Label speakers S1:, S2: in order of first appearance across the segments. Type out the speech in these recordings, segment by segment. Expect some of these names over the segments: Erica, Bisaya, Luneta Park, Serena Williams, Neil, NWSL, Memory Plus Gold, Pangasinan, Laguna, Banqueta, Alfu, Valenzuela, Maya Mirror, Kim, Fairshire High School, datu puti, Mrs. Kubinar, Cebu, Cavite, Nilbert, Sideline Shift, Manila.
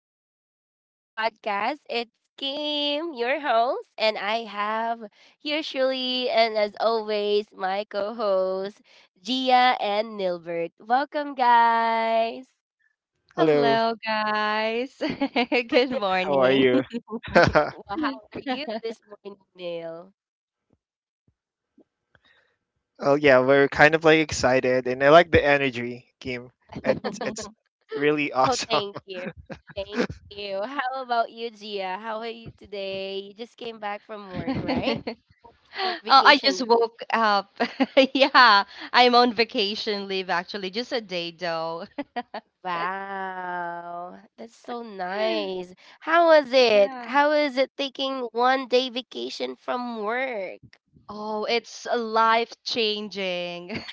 S1: welcome back to the podcast. It's Kim, your host, and I have here Shirley, and as always, my co hosts, Gia and Nilbert. Welcome, guys.
S2: Hello,
S3: Hello, guys. Good
S2: how are
S3: morning.
S2: you?
S1: Well, how are you this morning, Nil?
S2: Oh yeah, we're kind of like excited, and I like the energy, Kim. It's really
S1: Oh,
S2: awesome.
S1: thank you. Thank you. How about you, Gia? How are you today? You just came back from work, right? From
S3: Oh, I just
S1: vacation.
S3: woke up. yeah, I'm on vacation leave actually, just a day though.
S1: Wow, that's so nice. How was it?
S3: yeah.
S1: How was it taking 1 day vacation from work?
S3: Oh, it's life changing.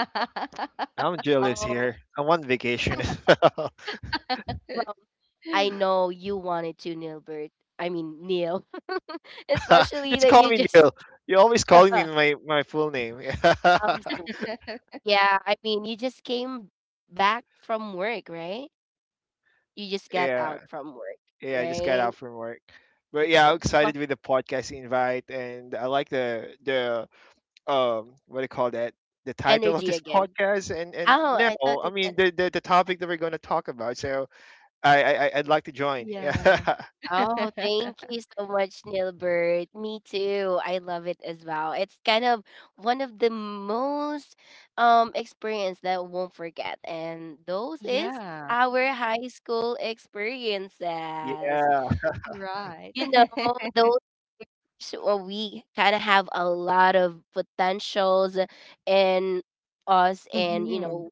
S2: I'm jealous
S1: Oh,
S2: here. I'm on vacation as well.
S1: well, I know you wanted to, Nilbert. I mean, Neil. Especially
S2: Just
S1: that
S2: call
S1: you
S2: me
S1: just
S2: Neil. You're always calling me my full name.
S1: um yeah, I mean, you just came back from work, right? You just got
S2: yeah,
S1: out from work,
S2: yeah. I just got
S1: right?
S2: out from work, but yeah,
S1: Okay.
S2: I'm
S1: Well,
S2: excited with the podcast invite, and I like the what do you call that? The title of
S1: energy
S2: this
S1: again.
S2: podcast, and
S1: Oh,
S2: no,
S1: I thought
S2: I mean
S1: it's
S2: the topic that we're going to talk about. So I'd like to join. Yeah.
S3: yeah.
S1: Oh, thank you so much, Nilbert. Me too. I love it as well. It's kind of one of the most experience that I won't forget. And those is
S3: Yeah.
S1: our high school experiences.
S2: Yeah.
S3: Right.
S1: You know, those we kind of have a lot of potentials in us and
S3: hmm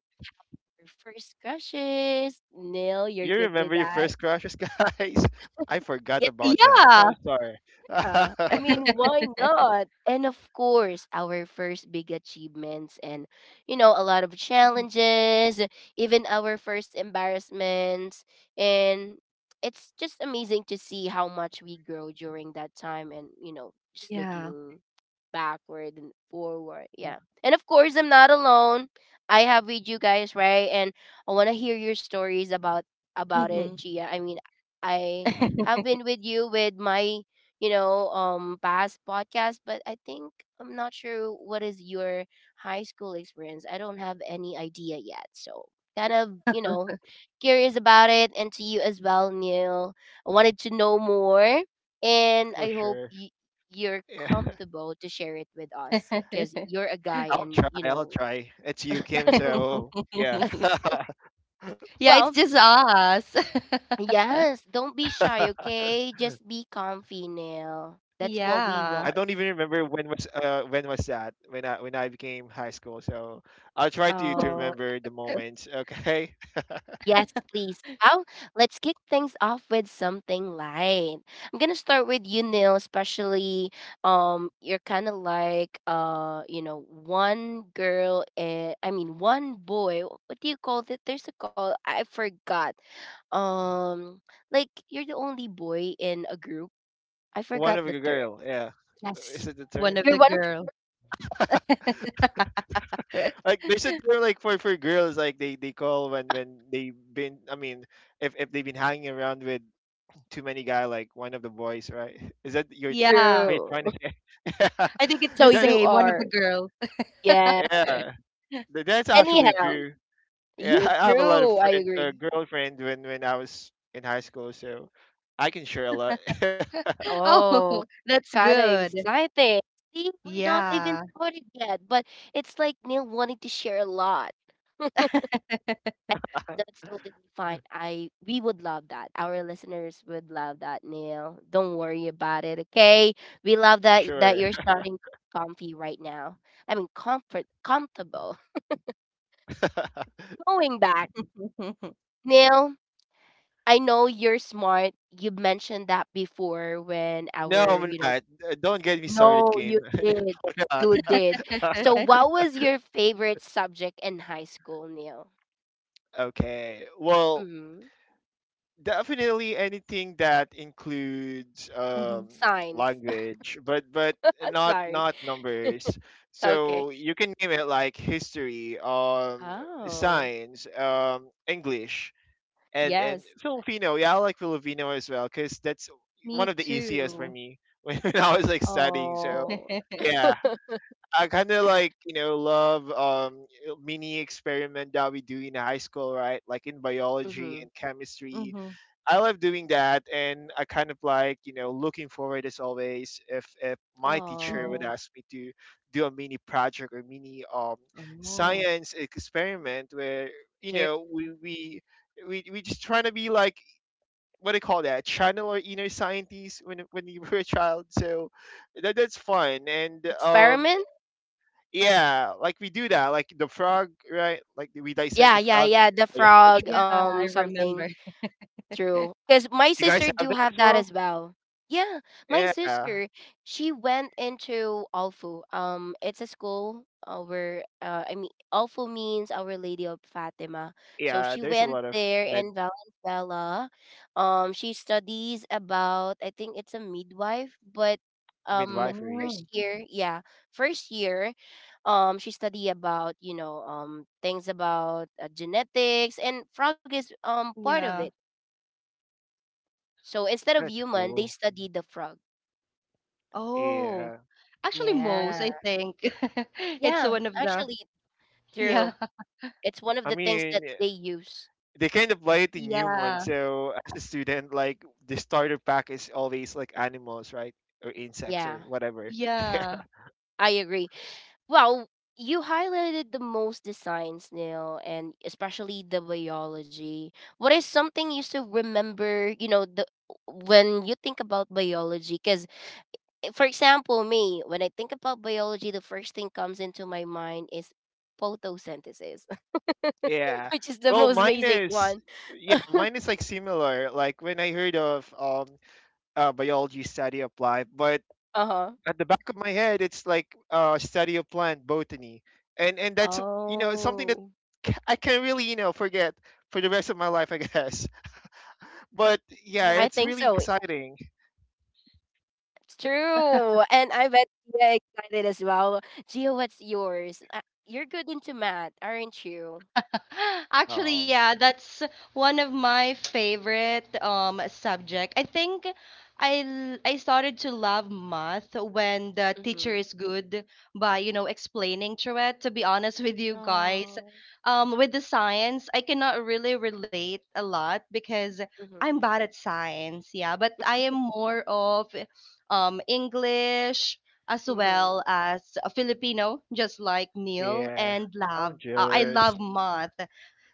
S1: first crushes. Neil, you're
S2: You
S1: good with
S2: remember your
S1: that.
S2: first crushes, guys? I forgot
S1: Yes.
S2: about
S3: Yeah.
S2: them. I'm sorry.
S1: Yeah, I mean, why not? And of course, our first big achievements and, you know, a lot of challenges, even our first embarrassments. And it's just amazing to see how much we grow during that time and, you know, just
S3: Yeah.
S1: looking backward and forward. Yeah. And of course, I'm not alone. I have with you guys, right? And I want to hear your stories about
S3: hmm
S1: it, Chia. I mean, I have been with you with my you know, past podcast. But I think I'm not sure what is your high school experience. I don't have any idea yet, so kind of you know curious about it, and to you as well, Neil. I wanted to know more, and
S2: For
S1: I hope
S2: sure.
S1: you. You're
S2: Yeah.
S1: comfortable to share it with us because you're a guy,
S2: I'll try.
S1: and you
S2: I'll
S1: know,
S2: try. It's you, Kim. So yeah.
S3: Yeah, it's
S1: well,
S3: just us.
S1: yes, don't be shy, okay? Just be comfy, Neil. That's what
S2: I
S1: we
S2: don't even
S1: want.
S3: Yeah.
S2: remember when was that when I became high school. So I'll try to
S1: Oh.
S2: remember the moments. Okay.
S1: Yes, please. Well, let's kick things off with something light. I'm gonna start with you, Neil, especially you're kinda like you know, one girl and I mean one boy. What do you call that? There's a call I forgot. Um, like you're the only boy in a group. I
S2: One
S1: forgot
S2: of
S1: the
S2: a
S1: term.
S2: girl. Yeah. Is
S1: Yes.
S2: it the
S3: One
S2: term?
S3: of
S1: You're
S3: the
S1: one of
S3: girl.
S2: Like there's a term like for girls like they call when they've been, I mean, if they've been hanging around with too many guy, like one of the boys, right? Is that your
S3: Yeah.
S2: what you're
S1: true.
S2: trying to say?
S3: I think it's
S1: So
S3: the
S2: that
S1: you
S3: same, one of the
S1: are.
S3: girl.
S1: Yeah.
S2: yeah that's actually
S1: Anyhow,
S2: true. Yeah.
S1: you
S2: I have a lot of
S1: true, I
S2: friend,
S1: agree.
S2: girlfriend when I was in high school, so I can share a lot.
S3: Oh,
S1: Oh,
S3: that's
S1: kind of
S3: good.
S1: exciting. See, we're not even
S3: Yeah.
S1: started yet, but it's like Neil wanting to share a lot. And that's totally fine. I we would love that. Our listeners would love that, Neil. Don't worry about it, okay? We love that
S2: Sure.
S1: that you're starting comfy right now. I mean comfortable. Going back, Neil, I know you're smart. You mentioned that before when
S2: No, I'm
S1: our, you know,
S2: not. Don't get me started,
S1: No,
S2: Kim.
S1: you
S2: No,
S1: did.
S2: I'm not.
S1: You did. So, what was your favorite subject in high school, Neil?
S2: Okay, well
S1: Mm-hmm.
S2: definitely anything that includes
S3: Mhm.
S1: Science.
S2: language, but
S1: I'm
S2: not
S1: sorry.
S2: not numbers.
S1: Okay.
S2: So you can name it, like history,
S1: Oh,
S2: science, English, and
S1: yes.
S2: and Filipino. Yeah, I like Filipino as well because that's one
S3: Me
S2: of the easiest for
S3: too.
S2: me. When I was like studying, so
S1: Oh.
S2: yeah, I kind of like, you know, love mini experiment that we do in high school, right? Like in biology
S1: mm-hmm.
S2: and chemistry,
S3: Mhm,
S2: I love doing that, and I kind of like, you know, looking forward as always if my teacher
S3: mhm.
S2: would
S1: Oh.
S2: ask me to do a mini project or mini
S3: Oh.
S2: science experiment where, you
S1: Sure.
S2: know, we just trying to be like, what do you call that, channel or inner scientist, when you were a child. So that that's fun, and
S1: Experiment?
S2: yeah, like we do that, like the frog, right? Like we dissect
S1: Yeah,
S2: the
S1: yeah,
S2: frog in
S1: yeah. The
S3: Yeah,
S1: frog,
S2: biology.
S3: I remember.
S1: something. True. Because my
S2: You
S1: sister
S2: guys have
S1: do
S2: that
S1: have
S2: as
S1: that
S2: well?
S1: as well. Yeah, my
S2: Yeah.
S1: sister, she went into Alfu. It's a school where I mean, Alfu means Our Lady of Fatima. So
S2: Yeah,
S1: she
S2: there's a
S1: went
S2: lot of
S1: there
S2: med
S1: in Valenzuela. She studies about I think it's a midwife, but um,
S2: midwifery.
S1: first
S3: Mm,
S1: year, yeah, first year, she study about you know things about genetics and frog is
S3: yeah.
S1: part of it so instead of
S2: That's
S1: human, they
S2: cool.
S1: studied the frog.
S3: Oh.
S2: Yeah.
S3: Actually, most,
S1: Yeah.
S3: I think. It's
S1: Yeah,
S3: one of the
S1: actually
S3: Yeah.
S1: true. It's one of
S2: I
S1: the things
S2: mean,
S1: that they use.
S2: they kind of apply it in
S3: Yeah.
S2: human. So as a student, like the starter pack is always like animals, right? Or insects or
S1: Yeah,
S2: whatever.
S3: Yeah.
S1: I agree. Well, you highlighted the most designs, Neil, and especially the biology. What is something you still remember, you know, the when you think about biology? Because, for example, me, when I think about biology, the first thing comes into my mind is photosynthesis,
S2: Yeah.
S1: which is the
S2: Well,
S1: most basic one.
S2: mine is like similar. Like when I heard of biology, study of life, but
S1: Uh huh.
S2: at the back of my head, it's like study of plant, botany, and that's, you know, something that
S1: Oh,
S2: I can really, you know, forget for the rest of my life, I guess. But
S1: I
S3: Oh.
S1: think
S2: yeah, it's
S1: so.
S2: really exciting.
S1: It's true. And I bet you're excited as well. Gio, what's yours? You're good into math, aren't you?
S3: Actually,
S2: Oh
S3: yeah, that's one of my favorite subject. I think I l- I started to love math when the
S1: Mm-hmm.
S3: teacher is good by, you know, explaining through it. To be honest with you guys,
S1: Oh.
S3: with the science, I cannot really relate a lot because
S1: Mm-hmm.
S3: I'm bad at science, yeah, but I am more of English as
S1: Mm-hmm.
S3: well as a Filipino, just like Neil,
S2: yeah,
S3: and
S2: I'm
S3: love. I
S2: jealous.
S3: love math,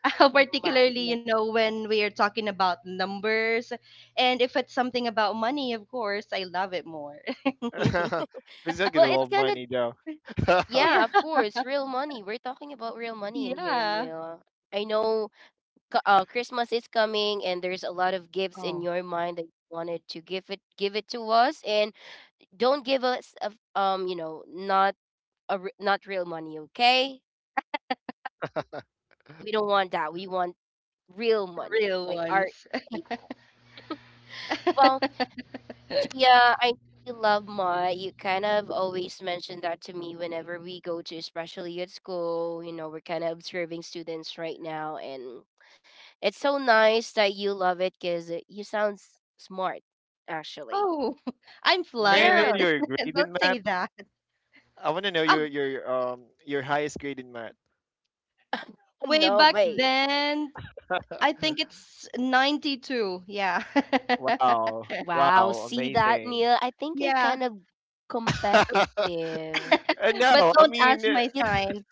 S1: Math,
S3: particularly,
S1: yeah.
S3: you know, when we are talking about numbers. And if it's something about money, of course, I love it more.
S2: Because I get
S1: Well,
S2: a lot
S1: it's
S2: of
S1: kind of,
S2: money though.
S1: yeah,
S3: yeah.
S1: of course, real money. We're talking about real money in here,
S3: Yeah.
S1: Neil. I know c- Christmas is coming and there's a lot of gifts in
S3: Oh,
S1: your mind that you wanted to give it to us and don't give us a, f- you know not a r- not real money, okay? We don't want that. We want real money,
S3: real
S1: like our
S3: ones.
S1: account. Well, Gia, I know you love Ma. You kind of always mention that to me whenever we go to, especially at school. You know, we're kind of observing students right now, and it's so nice that you love it because you sound s- smart, actually.
S3: Oh, I'm
S2: May I know
S1: Yeah.
S3: flattered.
S2: your grade in
S3: Don't
S2: math?
S3: say that.
S2: I want to know
S3: Oh,
S2: your your highest grade in math.
S3: way
S1: No,
S3: back
S1: wait.
S3: then, I think it's 92. Yeah.
S2: Wow,
S1: Wow.
S2: wow,
S1: See that,
S2: amazing.
S1: Neil? I think you're
S3: yeah.
S1: kind of competitive.
S2: No,
S3: But
S2: I
S3: don't ask
S2: mean,
S3: my
S1: You.
S3: sign.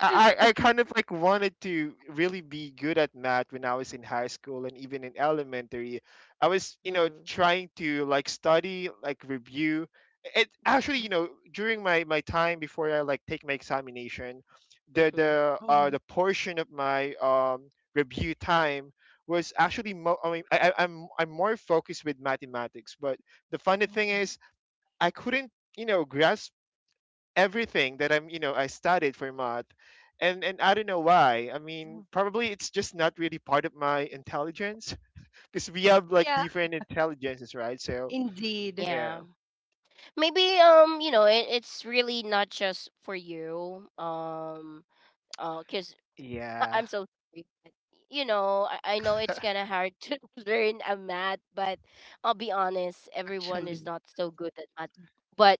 S2: I kind of like wanted to really be good at math when I was in high school and even in elementary. I was, you know,
S1: Hmm,
S2: trying to like study, like review. It actually, you know, during my time before I like take my examination, the
S1: Mm-hmm.
S2: the uh
S3: Mhm.
S2: the portion of my review time was actually I mean, I'm more focused with mathematics, but the funny thing is I couldn't, you know, grasp everything that I'm, you know, I studied for math. And I don't know why. I mean,
S3: Mm.
S2: probably it's just not really part of my intelligence, because we have like
S3: Yeah,
S2: different intelligences, right? So,
S3: indeed,
S2: yeah.
S1: Yeah. Maybe you know it's really not just for you cuz
S2: Yeah.
S1: I'm so sorry but, you know I know it's kind of hard to learn a math but I'll be honest everyone is
S3: actually.
S1: not so good at math but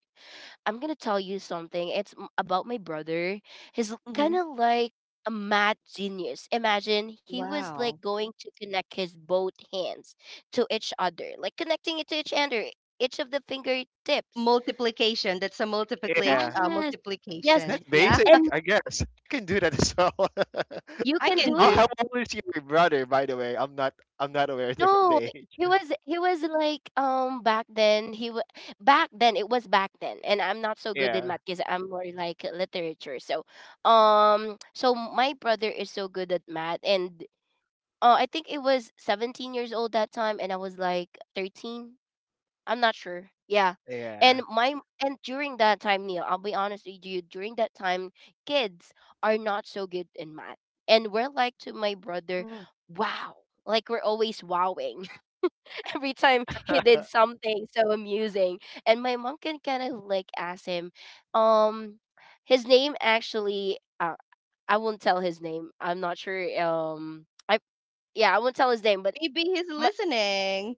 S1: I'm going to tell you something it's m- about my brother he's kind
S3: Hmm
S1: of like a math genius imagine he was like
S3: Wow.
S1: going to connect his both hands to each other like connecting it to each other each of the fingertips.
S3: Multiplication. That's a multiplication.
S2: Yeah.
S1: Yes. Yes,
S3: Multiplication.
S2: That's
S3: Yeah,
S2: basic,
S1: and
S2: I guess. I can do that as well.
S1: you
S3: I
S1: can do
S3: can
S2: how,
S3: do.
S1: it?
S2: how old is your brother, by the way? I'm not aware of the
S1: No,
S2: the age.
S1: he was like back then he wa back then it was back then and I'm not so good in
S2: Yeah.
S1: math because I'm more like literature. So so my brother is so good at math and I think it was 17 years old that time and I was like 13. I'm not sure. Yeah. And
S2: Yeah.
S1: my and during that time, Neil, I'll be honest with you, during that time, kids are not so good in math. And we're like to my brother,
S3: Mm.
S1: wow. Like we're always wowing every time he did something so amusing. And my mom can kind of like ask him, um, his name actually I won't tell his name. I'm not sure I yeah, I won't tell his name, but
S3: Maybe he's listening.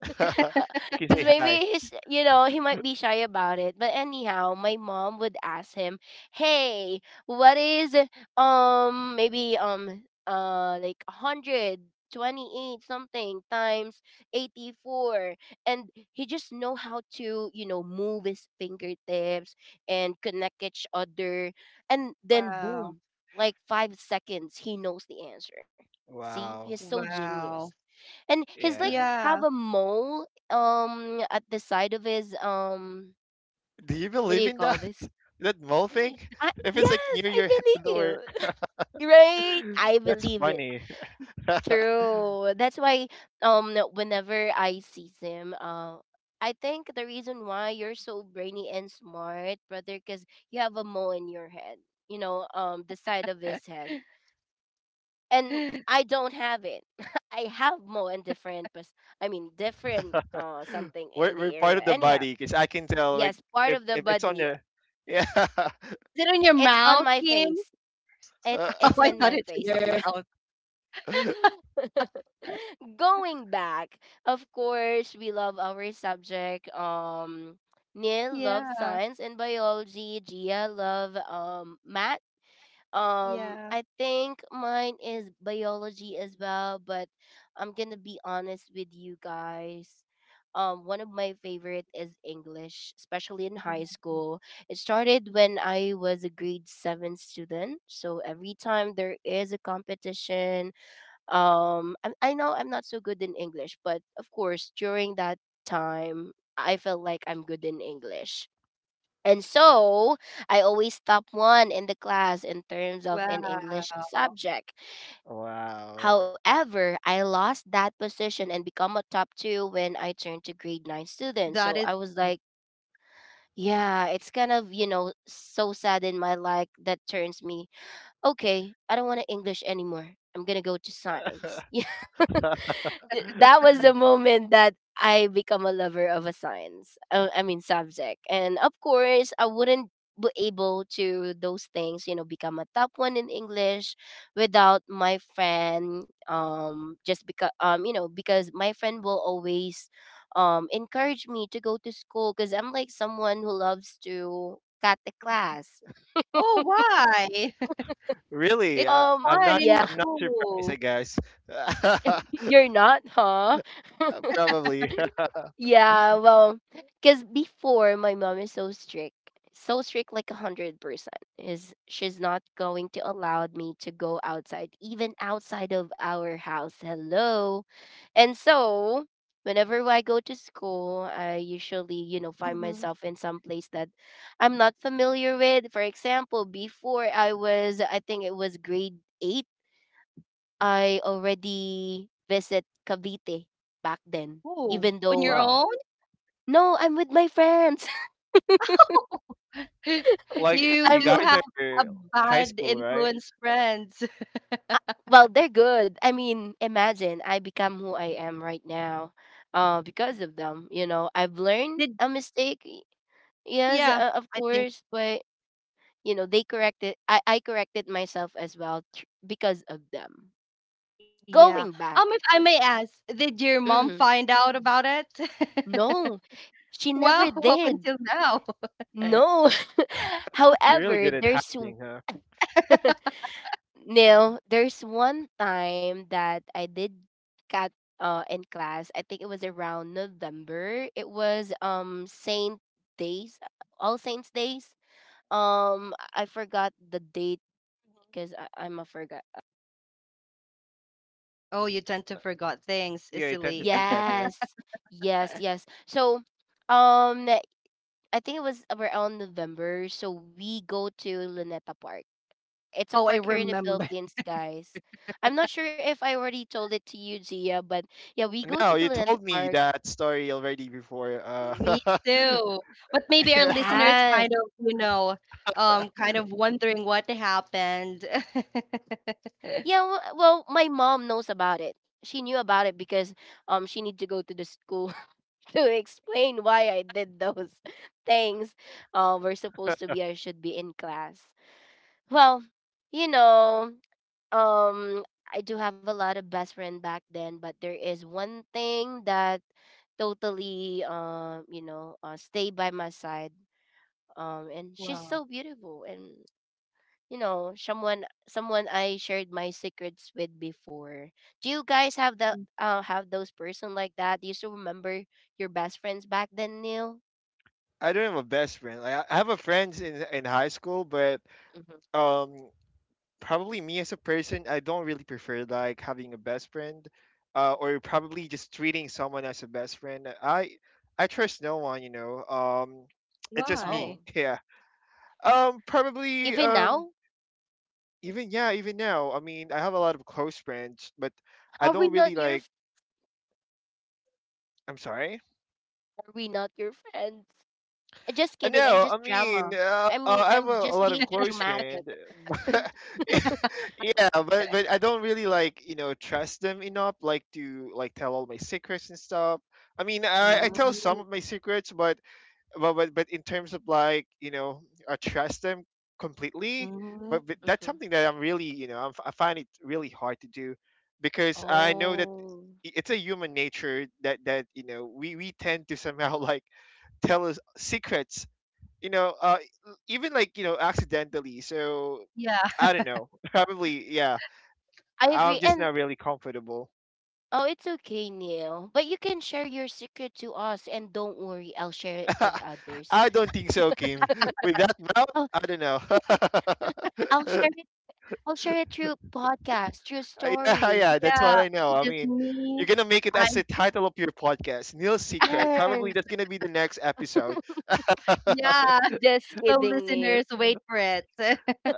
S2: You can
S1: Because
S2: say hi.
S1: maybe he's, you know, he might be shy about it. But anyhow, my mom would ask him, "Hey, what is maybe like 128 something times 84, and he just know how to you know move his fingertips and connect each other and then
S3: Wow.
S1: boom, like 5 seconds he knows the answer. See, he's
S2: Wow.
S1: so
S3: Wow.
S1: genius, and he's like
S2: Yeah.
S3: Yeah.
S1: have a mole at the side of his
S2: Do you
S1: what do
S2: believe
S1: you
S2: in
S1: call
S2: that?
S1: this.
S2: That mole thing? If it's like
S1: Yes
S2: near
S1: I
S2: your head
S1: believe.
S2: or
S1: right, I
S2: that's
S1: believe it,
S2: funny.
S1: true, that's why whenever I see him I think the reason why you're so brainy and smart brother because you have a mole in your head, you know the side of his head. And I don't have it. I have more and different, but I mean, different something in
S2: we're
S1: the
S2: we're part
S1: area.
S2: of the
S1: Anyhow,
S2: body, because I can tell like
S1: yes, part of the
S2: if it's on
S1: body.
S2: the, yeah.
S3: Is it on
S1: I-
S3: your
S1: It's on
S3: mouth,
S1: my
S3: Kim?
S1: face.
S2: Uh,
S3: Oh,
S1: It's
S3: I
S1: in
S3: thought
S1: my
S3: it's in
S1: face.
S3: your
S1: Yeah.
S3: mouth.
S1: Going back, of course, we love our subject. Neil loves
S3: Yeah.
S1: science and biology. Gia love math.
S3: Yeah.
S1: I think mine is biology as well, but I'm gonna be honest with you guys. One of my favorite is English, especially in high school. It started when I was a grade 7 student. So every time there is a competition, I know I'm not so good in English, but of course during that time, I felt like I'm good in English. And so I always top one in the class in terms of an
S3: Wow.
S1: English subject.
S2: wow.
S1: However, I lost that position and become a top
S3: That is.
S1: two when I turned to grade 9 students. So I was like, yeah, it's kind of, you know, so sad in my life that turns me okay, I don't want to English anymore. I'm gonna go to science. Yeah, that was the moment that I become a lover of a science. I mean subject, and of course, I wouldn't be able to those things. You know, become a top one in English without my friend. Just because you know, because my friend will always encourage me to go to school because I'm like someone who loves to cut the class.
S3: Oh, why?
S2: Really?
S3: It's fun in
S1: Yeah.
S2: I'm not surprised, I
S3: school.
S2: guess.
S1: You're not, huh?
S2: Probably.
S1: Yeah, well, because before my mom is so strict, like 100%, is she's not going to allow me to go outside, even outside of our house. Hello, and so whenever I go to school, I usually, you know, find
S3: Mhm.
S1: myself in some place that I'm not familiar with. For example, before I was, I think it was grade 8 I already visit Cavite back then,
S3: Oh,
S1: even
S3: on your
S1: though
S2: Wow.
S3: own?
S1: no, I'm with my friends.
S2: Like
S3: You
S2: you
S1: I'm
S3: do
S1: with,
S2: guys
S3: have a
S2: are high
S3: bad
S2: school, right?
S3: influence friends.
S1: uh, well, they're good. I mean, imagine I become who I am right now, because of them. You know, I've learned
S3: Did
S1: a mistake. Yes,
S3: yeah,
S1: of
S3: I think
S1: course, but you know, they corrected. I corrected myself as well because of them.
S3: yeah.
S1: Going back,
S3: If I may ask, did your mom
S1: hmm
S3: find out about it?
S1: no, she
S3: Wow,
S1: never
S3: up
S1: did.
S3: until now.
S1: No.
S2: You're really
S1: However,
S2: good at
S1: there's
S2: hiding, huh?
S1: no, there's one time that I did cut in class. I think it was around November. It was Days, All Saints Days. I forgot the date because I'm a forgot.
S3: Oh, you tend to forget things
S2: Yeah,
S3: easily.
S2: I tend to forget that.
S1: Yes, yes, yes. So, I think it was around November. So we go to Luneta Park. It's a
S3: Oh, I
S1: park here in the
S3: remember.
S1: Philippines, guys. I'm not sure if I already told it to you, Gia, but yeah, we go to
S2: No,
S1: the
S2: you
S1: Linanta
S2: told me
S1: Park.
S2: that story already before.
S3: Me too. But maybe our
S2: Yeah,
S3: listeners kind
S1: Yes.
S3: of, you know, kind of wondering what happened.
S1: Yeah, well, my mom knows about it. She knew about it because she need to go to the school to explain why I did those things. We're supposed to be I should be in class. Well, you know, um I do have a lot of best friend back then, but there is one thing that totally stay by my side. And she's
S3: Wow.
S1: so beautiful, and someone I shared my secrets with before. Do you guys have
S3: Mm.
S1: the Have those person like that? Do you still remember your best friends back then, Neil?
S2: I don't have a best friend. Like, I have a friend in high school, but
S1: hmm
S2: um, probably me as a person, I don't really prefer like having a best friend, or probably just treating someone as a best friend. I trust no one, you know. It's just
S3: Why?
S2: me.
S1: Oh,
S2: Yeah. Probably.
S1: even now?
S2: Even yeah, even now. I mean, I have a lot of close friends, but I
S1: Are we
S2: don't really
S1: not your?
S2: like.
S1: f-
S2: I'm sorry.
S1: Are we not your friends? Just kidding, I'm
S2: No, I
S1: just
S2: mean,
S1: drama. I mean,
S2: I have
S1: I'm
S2: a
S1: just
S2: lot of
S1: being too
S2: close
S1: dramatic.
S2: friend. Yeah, but I don't really like, you know, trust them enough, like to like tell all my secrets and stuff. I mean, I
S3: Mm,
S1: Oh,
S2: tell some of my secrets, but but in terms of like, you know, I trust them completely. But
S3: mm.
S2: that's
S1: mhm.
S2: something that I'm really, you know, I find it really hard to do, because I know that
S1: Oh,
S2: it's a human nature that that you know, we tend to somehow like tell us secrets, you know, even like, you know, accidentally. So
S3: Yeah,
S2: I don't know. Probably, yeah.
S1: I
S2: I'm
S1: agree.
S2: just
S1: And
S2: not really comfortable.
S1: oh, it's okay, Neil. But you can share your secret to us, and don't worry, I'll share it with others.
S2: I don't think so, Kim. With that mouth,
S1: Oh,
S2: I don't know.
S1: I'll share it. I'll share it through podcast, through
S2: Yeah,
S1: story.
S2: yeah, that's
S3: yeah,
S2: what I
S3: it's
S2: know. I
S3: just
S2: mean,
S3: me.
S2: you're gonna make it
S3: I
S2: as the title of your podcast, Neil's Secret. Probably
S1: Yes.
S2: that's gonna be the next episode.
S3: yeah.
S1: Just
S3: So
S1: kidding, Neil.
S3: listeners, wait for it.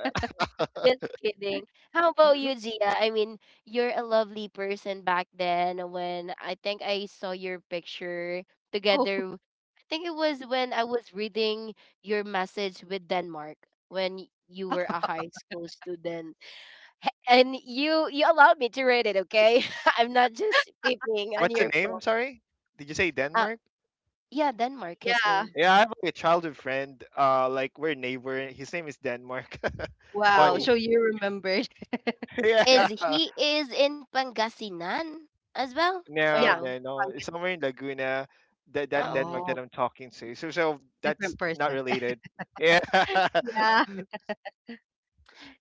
S1: Just kidding. How about you, Gia? I mean, you're a lovely person back then when I think I saw your picture
S3: Oh
S1: together. I think it was when I was reading your message with Denmark when you were a high school student. And you allowed me to read it, okay? I'm not just peeping on
S2: What's the
S1: your
S2: name?
S1: phone.
S2: Sorry, did you say
S1: Uh,
S2: Denmark?
S1: yeah, Denmark, his
S3: yeah.
S1: name.
S2: Yeah, I have like a childhood friend. Like we're neighbor. His name is Denmark.
S3: Wow.
S1: Oh,
S3: So
S2: Funny.
S3: you remembered.
S2: Yeah.
S1: is he is in Pangasinan as well?
S3: Yeah.
S1: Or
S2: No,
S1: no?
S2: no,
S3: fungus.
S2: no. Somewhere in Laguna, that that
S1: Oh,
S2: Denmark
S3: Oh,
S1: okay.
S2: that I'm talking to. So so that's
S3: different
S2: not
S3: person.
S2: related. Yeah.
S3: Yeah.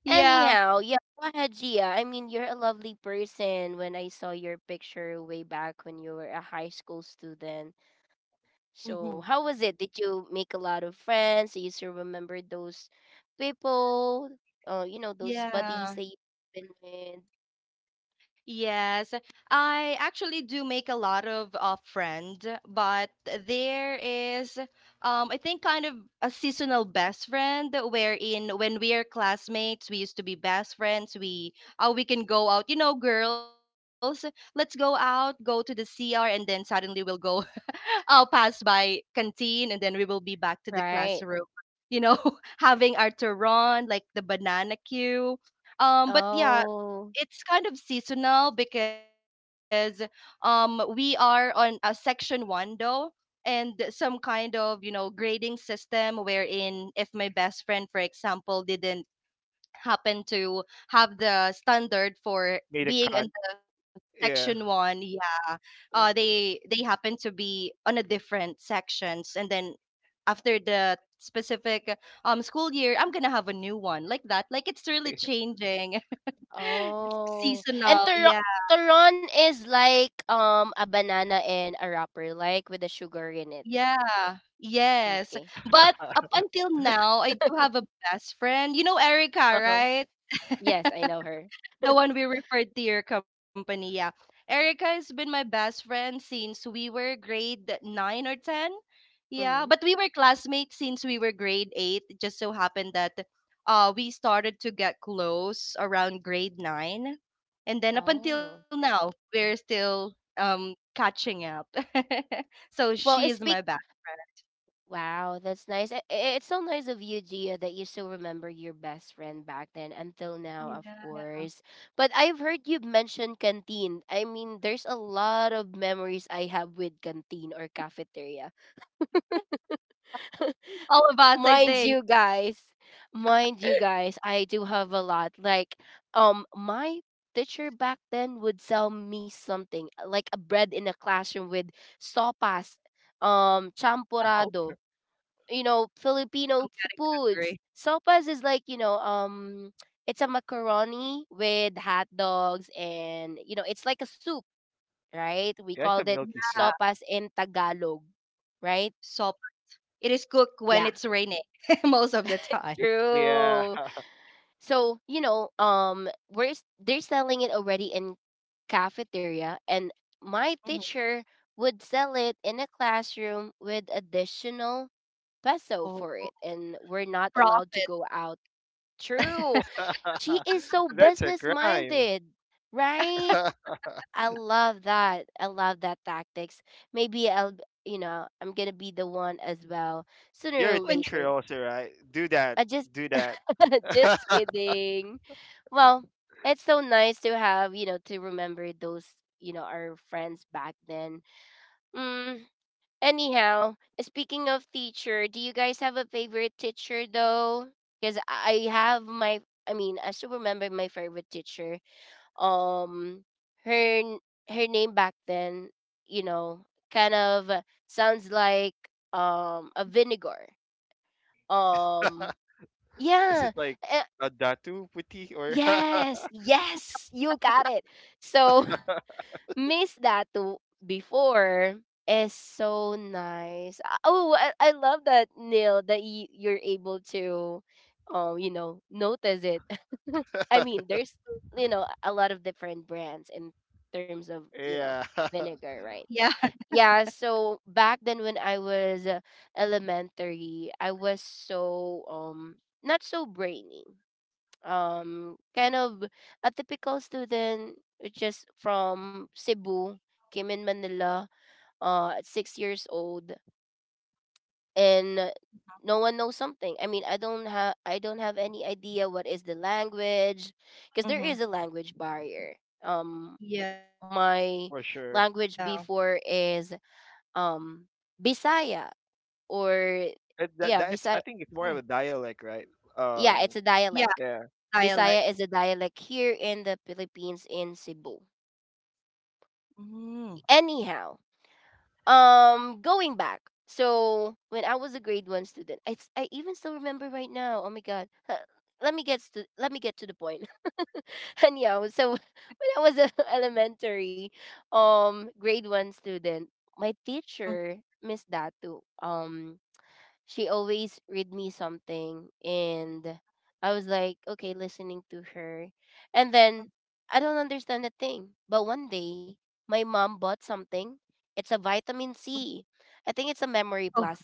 S3: Yeah.
S1: Anyhow, yeah, go ahead, Gia. I mean, you're a lovely person when I saw your picture way back when you were a high school student.
S3: hmm
S1: So, how was it? Did you make a lot of friends? Do you still remember those people? Those buddies that
S3: Yeah.
S1: you've been with,
S3: Yes, I actually do make a lot of friend, but there is, I think, kind of a seasonal best friend wherein when we are classmates, we used to be best friends. We can go out, you know, girls, let's go out, go to the CR, and then suddenly we'll go, I'll pass by canteen, and then we will be back to the
S1: right?
S3: classroom. You know, having our turon, like the banana queue. But yeah,
S1: Oh,
S3: it's kind of seasonal because we are on section one though, and some kind of, you know, grading system wherein if my best friend, for example, didn't happen to have the standard for
S2: Made a
S3: being in
S2: cut.
S3: the section
S2: Yeah.
S3: one. Yeah, they
S1: mm,
S3: happen to be on a different sections, and then after the specific school year, I'm gonna have a new one like that. Like, it's really changing. It's
S1: oh. And
S3: seasonal,
S1: Turon,
S3: yeah.
S1: Turon is like a banana and a wrapper, like with the sugar in it.
S3: Yeah. Yes.
S1: Okay.
S3: But up until now, I do have a best friend. You know Erica,
S1: Uh-huh.
S3: right?
S1: Yes, I know her.
S3: The one we referred to your company, yeah. Erica has been my best friend since we were grade 9 or 10. Yeah,
S1: Mhm.
S3: but we were classmates since we were grade 8. It just so happened that we started to get close around grade 9. And then up until
S1: Oh.
S3: now, we're still catching up. So she is
S1: Well, it
S3: my
S1: speak
S3: best
S1: Wow, that's nice. It's so nice of you, Gia, that you still remember your best friend back then until now,
S3: friend.
S1: of
S3: Yeah.
S1: course. But I've heard you mention canteen. I mean, there's a lot of memories I have with canteen or cafeteria.
S3: All of us, I
S1: Mind
S3: think.
S1: you guys, mind you guys, I do have a lot. Like, my teacher back then would sell me something, like a bread in a classroom with sopas,
S3: Oh,
S1: champurrado,
S3: I'm
S1: Filipino
S3: hungry.
S1: foods. Sopas is like it's a macaroni with hot dogs, and it's like a soup, right? We
S2: Yeah, it's
S1: called
S2: a
S1: it
S3: Yeah,
S2: milky soup.
S1: sopas in Tagalog, right?
S3: so it is cooked when
S1: Yeah.
S3: it's raining most of the time.
S2: Yeah.
S1: True. So, they're selling it already in cafeteria, and my
S3: Mhm.
S1: teacher would sell it in a classroom with additional peso
S3: Called
S1: for it, and we're not allowed to
S3: prophet.
S1: go out. True. She is so
S2: That's a
S1: business
S2: crime.
S1: minded, right? I love that. I love that tactics. Maybe I'm gonna be the one as well sooner
S2: You're
S1: or
S2: a
S3: When you,
S2: teacher
S1: later.
S2: also, right? Do that.
S1: I just,
S2: Do that.
S1: just kidding. Well, it's so nice to have, to remember those, our friends back then. Mm, Anyhow, speaking of teacher, do you guys have a favorite teacher though? Because I mean, I still remember my favorite teacher. Um her n- her name back then kind of sounds like a vinegar. um
S2: Is
S1: yeah.
S2: it like
S1: uh,
S2: a datu puti or
S1: yes, yes, you got it. So Miss that too before is so nice. Ah, oh, I love that, Neil, that you're able to notice it. I mean, there's a lot of different brands in terms of
S2: yeah,
S1: vinegar,
S3: yeah,
S1: right? Yeah. So back then when I was elementary, I was so not so brainy, kind of a typical student, which is from Cebu, came in Manila at 6 years old, and no one knows something. I mean, I don't have any idea what is the language, because there
S3: mhm,
S1: is a language barrier. um
S3: yeah,
S1: my
S2: for sure.
S1: language before is um bisaya, or
S2: It, that
S1: yeah,
S3: mm,
S2: that's I
S1: bisaya.
S2: think it's more of a dialect, right?
S1: Yeah,
S2: Um,
S1: it's a
S3: yeah,
S1: dialect.
S2: yeah.
S3: dialect.
S1: Bisaya is a dialect here in the Philippines, in Cebu.
S3: Mhm.
S1: Anyhow, going back. So when I was a grade one student, I even still remember right now. Oh my god. Let me get to the point. Anyhow, so when I was a elementary, grade one student, my
S3: Mhm.
S1: teacher, Miss Datu, she always read me something, and I was like, okay, listening to her. And then I don't understand a thing. But one day my mom bought something. It's a vitamin C. I think it's a
S3: Oh,
S1: memory plus.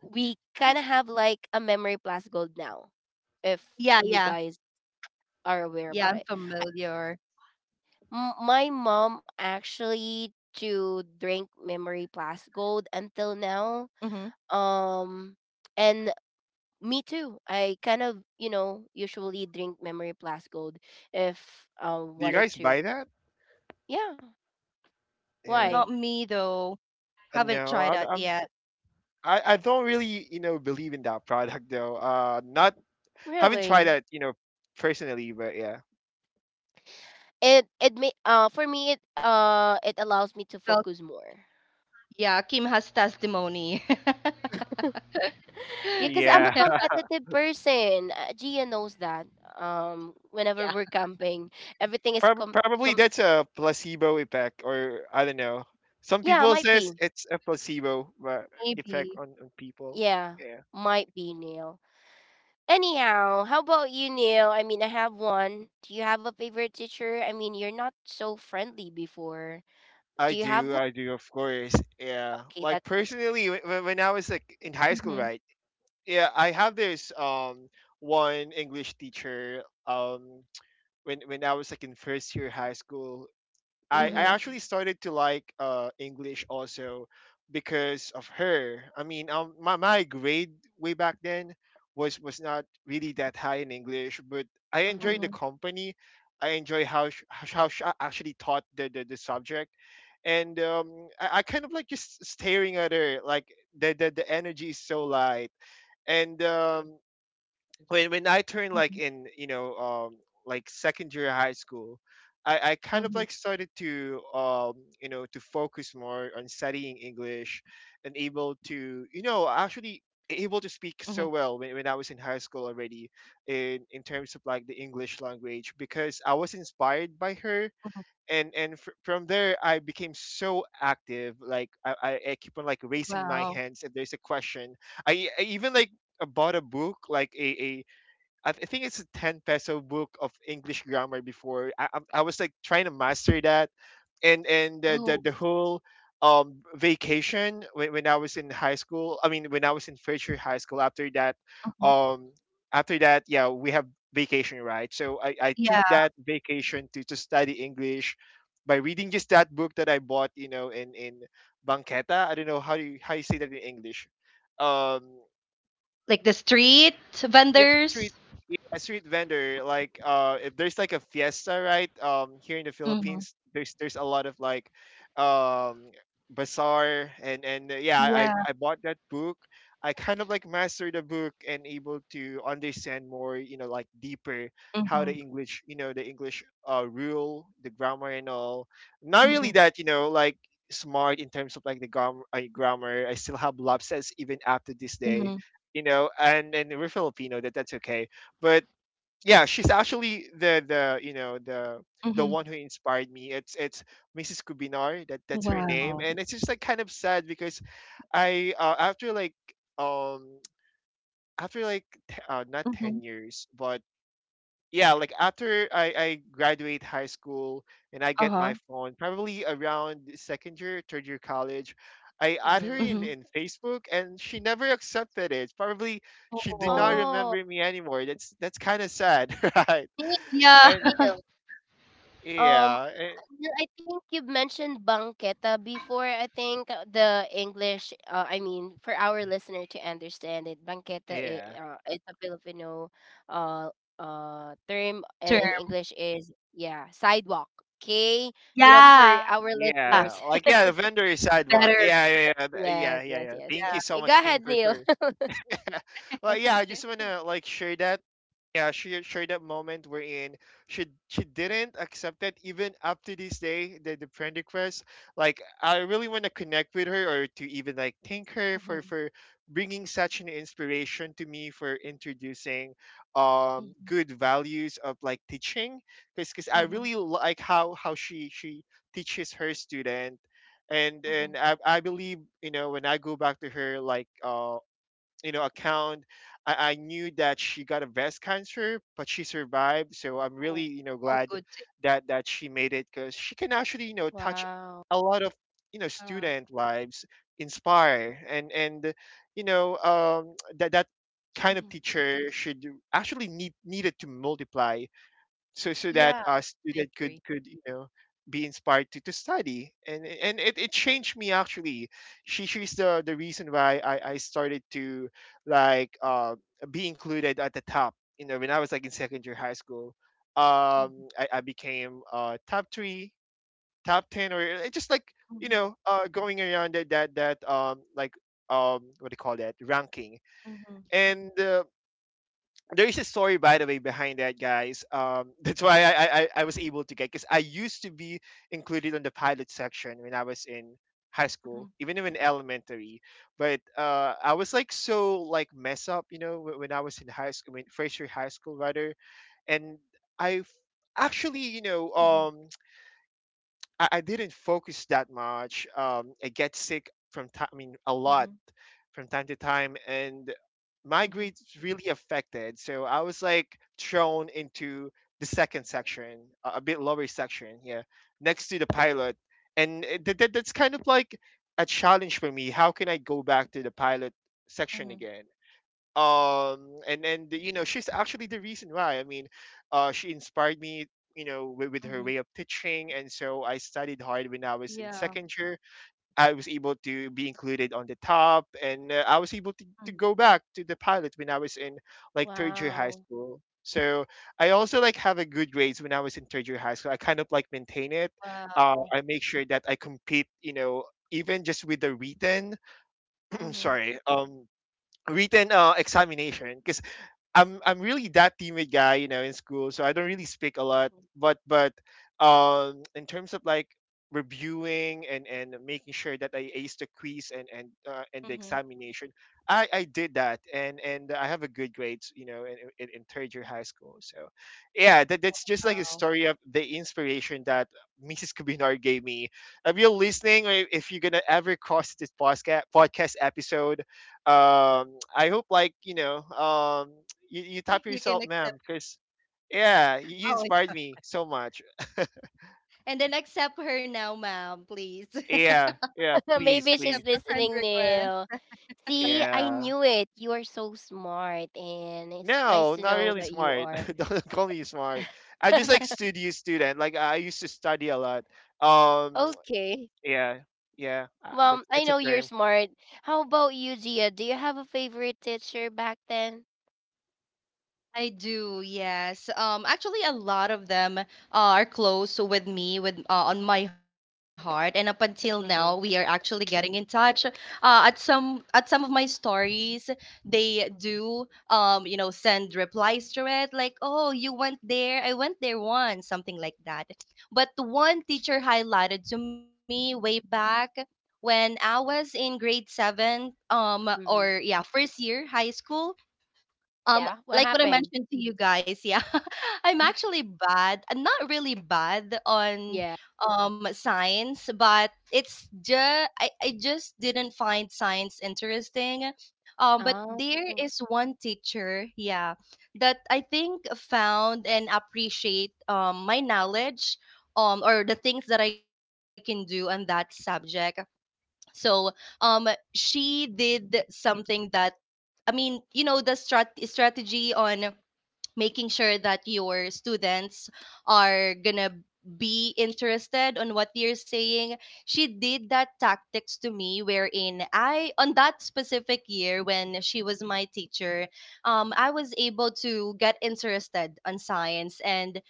S1: We kinda have like a memory plus gold now, if
S3: yeah,
S1: you
S3: yeah,
S1: guys are aware
S3: yeah.
S1: about
S3: I'm
S1: it. I,
S3: familiar.
S1: my mom actually to
S3: Mhm.
S1: drink memory plus gold until now. Um and Me too. I kind of, usually drink memory plus gold if I
S2: Do you
S1: wanted
S2: guys
S1: to.
S2: buy that?
S1: Yeah.
S3: Not me
S2: Yeah.
S1: Why?
S3: though. Haven't tried that
S2: No,
S3: yet.
S2: I don't really, you know, believe in that product though. Not haven't tried
S1: Really?
S2: that, you know, personally, but yeah,
S1: It may, for me, it allows me to
S3: Well,
S1: focus more.
S3: yeah, Kim has testimony.
S1: Yeah, because I'm a
S2: yeah.
S1: competitive person. Gia knows that. Whenever
S3: Yeah,
S1: we're camping, everything is
S2: Prob-
S1: com
S2: probably
S1: com.
S2: that's a placebo effect, or I don't know. Some
S1: Yeah,
S2: people
S1: might
S2: says
S1: be.
S2: it's a
S3: maybe.
S2: placebo, effect on people.
S1: Yeah,
S2: Yeah.
S1: might be, Neil. Anyhow, how about you, Neil? I mean, I have one. Do you have a favorite teacher? I mean, you're not so friendly before. Do you have one?
S2: I do, of course. Yeah,
S1: Okay, that's
S2: like
S1: good.
S2: personally, when I was like in high school,
S3: Mhm.
S2: right? Yeah, I have this one English teacher. When I was like in first year high school, I
S3: Mhm.
S1: Mm-hmm.
S2: actually started to like English also because of her. I mean, my grade way back then was not really that high in English, but I
S1: Mm-hmm.
S2: enjoyed the
S3: Mhm.
S2: company. I enjoy how how she actually taught the subject, and I kind of like just staring at her like the energy is so light, and when I turned
S3: Mhm.
S2: like in, you know, like second year high school, I kind of
S3: Mhm.
S2: like started to um, you know, to focus more on studying English, and able
S3: Mhm.
S2: to, you know, actually able to speak so well when I was in high school already, in terms of like the English language, because I was
S3: Mhm.
S2: inspired by her. And from there I became so active, like I keep on like
S3: Wow.
S2: raising my hands if there's a question. I even like, bought a book like a, I think it's a 10 peso book of English grammar before. I was like trying to master that. And
S3: Oh,
S2: the whole vacation when I was in high school, I mean, when I was in Fairshire High School,
S3: mhm.
S2: um, after that, yeah, we have vacation, right? So I took
S3: Yeah.
S2: that vacation to study English by reading just that book that I bought, you know, in Banqueta. I don't know how do you, how you say that in English. Um,
S3: Like the street
S2: yeah, street
S3: vendors.
S2: yeah a street vendor, like if there's like a fiesta, right? Here in the
S3: Mhm.
S2: Philippines, there's a lot of like um bazaar, and yeah, i
S3: Yeah.
S2: i bought that book. I kind of like mastered the book and able to understand more, you know, like deeper how the
S3: Mhm.
S2: English, the English rule, the grammar and all. Not
S3: Mhm.
S2: really that, smart in terms of like the grammar. I still have lapses even after this day,
S3: Mhm,
S2: and we're Filipino, that's okay. But yeah, she's actually the you know the
S3: mhm.
S2: one who inspired me. It's Mrs. Kubinar, that's her
S3: Wow.
S2: name, and it's just like kind of sad because I, um after like not
S3: Mhm,
S2: 10 years, but yeah, like after I graduate high school and I get
S3: uh-huh,
S2: my phone probably around second year, third year college, I add her
S3: mhm.
S1: Mm-hmm.
S2: in Facebook and she never accepted it. Probably she did not
S3: Oh,
S1: Oh,
S2: remember me anymore. That's kind of sad, right?
S1: Neil,
S3: yeah.
S2: And
S1: Neil. Um,
S2: yeah,
S1: I think you've mentioned banqueta before. I think, the English, I mean, for our listener to understand it, banqueta is
S2: yeah
S1: it's a Filipino uh, term, and
S3: Sure.
S1: in English is, yeah, sidewalk. Okay? You know, for
S3: Yeah,
S1: our
S2: yeah
S1: listeners.
S2: like yeah, the
S3: better,
S2: vendor is sidewalk. Yeah
S1: Yes,
S2: yeah, yeah,
S1: yes,
S2: yeah,
S3: yeah.
S1: yes,
S2: thank you
S1: yes.
S2: so
S1: Go
S2: much, Kim,
S1: ahead,
S2: for
S1: Neil.
S2: well, yeah, I just want to like share that. Yeah, she shared that moment wherein she didn't accept it even up to this day, the friend request. Like I really want to connect with her or to even like thank her for
S3: Mhm,
S2: for bringing such an inspiration to me, for introducing
S3: mhm,
S2: good values of like teaching, because I
S3: mhm,
S2: really like how she teaches her student. and
S3: mhm.
S2: and I believe, you know, when I go back to her, like you know, account, I knew that she got a breast cancer, but she survived, so I'm really,
S3: Oh,
S2: you know,
S3: oh,
S2: glad
S3: good thing.
S2: that she made it because she can actually, you know, touch
S1: Wow.
S2: a lot of, you know,
S3: Uh,
S2: student lives, inspire, and you know, that kind of
S3: mhm.
S2: teacher should actually needed to multiply, so that
S3: Yeah,
S2: a
S3: I
S2: student
S3: agree.
S2: could, you know, be inspired to study. And it changed me, actually. She's the reason why I started to like be included at the top, you know, when I was like in secondary high school.
S3: Mhm,
S2: I became top three, top 10, or it just like, you
S3: mhm,
S2: know, going around that, what do you call that, ranking.
S3: mhm,
S2: And there is a story, by the way, behind that, guys, that's why I was able to get, because I used to be included on the pilot section when I was in high
S3: mhm,
S2: school, even in elementary. But I was like so like mess up, you know, when I was in high school, when first year high school rather. And i f- actually, you know,
S3: mhm,
S2: I didn't focus that much. I get sick from time, I mean, a
S3: mhm,
S2: lot, from time to time, and my
S3: mhm,
S2: grades really affected, so I was like thrown into the second section, a bit lower section, yeah, next to the pilot. And that's kind of like a challenge for me, how can I go back to the pilot section
S3: mhm,
S2: again. And you know, she's actually the reason why, I mean, she inspired me, you know, with her
S3: mhm.
S2: way of teaching, and so I studied hard when I
S3: Yeah.
S2: was in second year. I was able to be included on the top, and I was
S3: Mhm.
S2: able to go back to the pilot when I was in like third year high
S1: Wow.
S2: school. So I also like have a good grades when I was in third year high school. I kind of like maintain it.
S3: Wow.
S2: I make sure that I compete, you know, even just with the written. I'm
S3: Mhm,
S2: sorry, written, examination. I'm really that timid guy, you know, in school, so I don't really speak a lot.
S3: mhm,
S2: But in terms of like reviewing, and making sure that I ace the quiz, and the
S3: mhm.
S2: examination, I did that, and I have a good grades, you know, in, in third year high school. So yeah, that's just like a
S3: Wow.
S2: story of the inspiration that Mrs. Kubinar gave me. If you're listening, or if you're gonna ever cross this podcast episode, um I hope, like, you know, you tap
S3: You can
S2: yourself, ma'am,
S3: accept
S2: because yeah, you
S3: oh
S2: inspired
S3: my
S2: me so much.
S3: And then accept her now, ma'am, please.
S2: Yeah, yeah, please,
S1: Maybe she's
S3: Accept
S2: please.
S3: a friend
S1: listening, Neil.
S3: request.
S1: See, I
S2: Yeah,
S1: knew it. You are so smart, and it's nice
S2: no,
S1: to
S2: not
S1: know
S2: really
S1: that you
S2: smart.
S1: are.
S2: Don't call me smart. I just like studio student, like I used to study a lot. um
S1: Okay.
S2: yeah. Yeah,
S1: Mom, I
S2: that's a
S1: know you're
S2: term.
S1: smart. How about you, Gia? Do you have a favorite teacher back then?
S3: I do, yes. Actually, a lot of them are close with me, with on my heart, and up until now, we are
S1: Mm-hmm.
S3: actually getting in touch. At some of my stories, they do, you know, send replies to it, like, "Oh, you went there, I went there once," something like that. But the one teacher highlighted to me way back when I was in grade seven,
S1: Mm-hmm.
S3: or yeah, first year high school, um
S1: Yeah. What
S3: like what I
S1: happened?
S3: mentioned to you guys, yeah, I'm actually bad, not really bad on
S1: Yeah.
S3: science, but it's just I just didn't find science interesting. But there
S1: Oh.
S3: is one teacher, yeah, that I think found and appreciate my knowledge, or the things that I can do on that subject. So um she did something that, I mean, you know, the strategy on making sure that your students are gonna be interested on what you're saying. She did that tactics to me wherein I, on that specific year when she was my teacher, I was able to get interested on science, and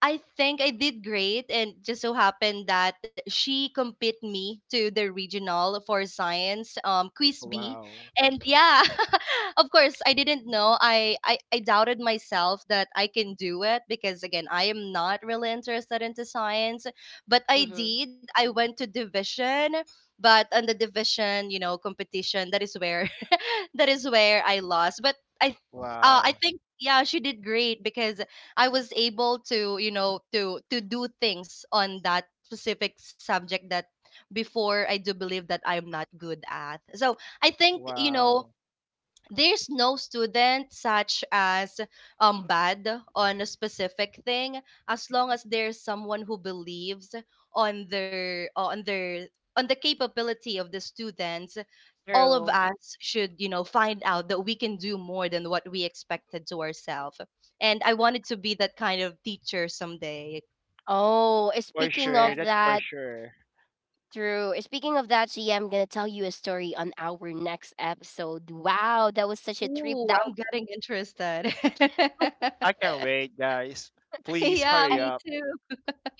S3: I think I did great, and just so happened that she compete me to the regional for science, quiz B,
S2: Wow.
S3: and yeah, of course I didn't know. I doubted myself that I can do it because, again, I am not really interested into science, but I
S1: Mm-hmm.
S3: did. I went to division, but on the division, you know, competition, that is where that is where I lost. But I, I
S2: Wow.
S3: think, yeah, she did great because I was able to, you know, to do things on that specific subject that before I do believe that I'm not good at. So I think, you know,
S2: Wow,
S3: there's no student such as bad on a specific thing, as long as there's someone who believes on their, uh, on the capability of the students. All of
S1: True.
S3: us should, you know, find out that we can do more than what we expected to ourselves, and I wanted to be that kind of teacher someday.
S1: Oh,
S2: for
S1: speaking
S3: Yeah,
S2: sure,
S1: of
S2: that's for
S1: that,
S2: sure.
S1: true. Speaking of that, Gia, I'm gonna tell you a story on our next episode. Wow, that was such a trip
S3: ooh,
S1: down.
S3: I'm getting interested.
S2: I can't wait, guys, please
S3: Yeah,
S2: hurry
S3: me
S2: up.
S3: too.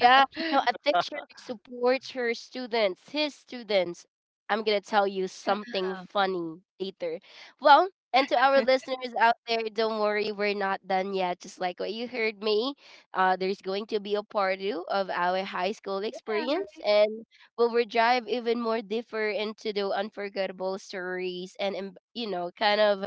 S1: Yeah, a teacher who supports her students, his students. I'm gonna tell you something funny later. Well, and to our
S3: Yeah.
S1: listeners out there, don't worry, we're not done yet. Just like what you heard me, there's going to be a part two of our high school experience, and we dive even more deeper into the unforgettable stories and, kind of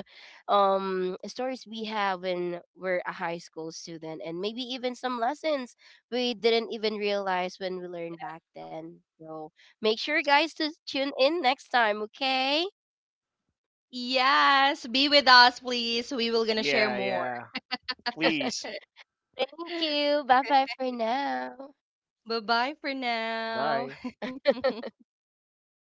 S1: stories we have when we're a high school student, and maybe even some lessons we didn't even realize when we learned back then. So make sure, guys, to tune in next time, okay?
S3: Yes, be with us, please. We will gonna share
S2: Yeah,
S3: more.
S2: yeah. Please.
S1: Thank you. Bye bye for now.
S3: Bye bye for now.
S2: Bye.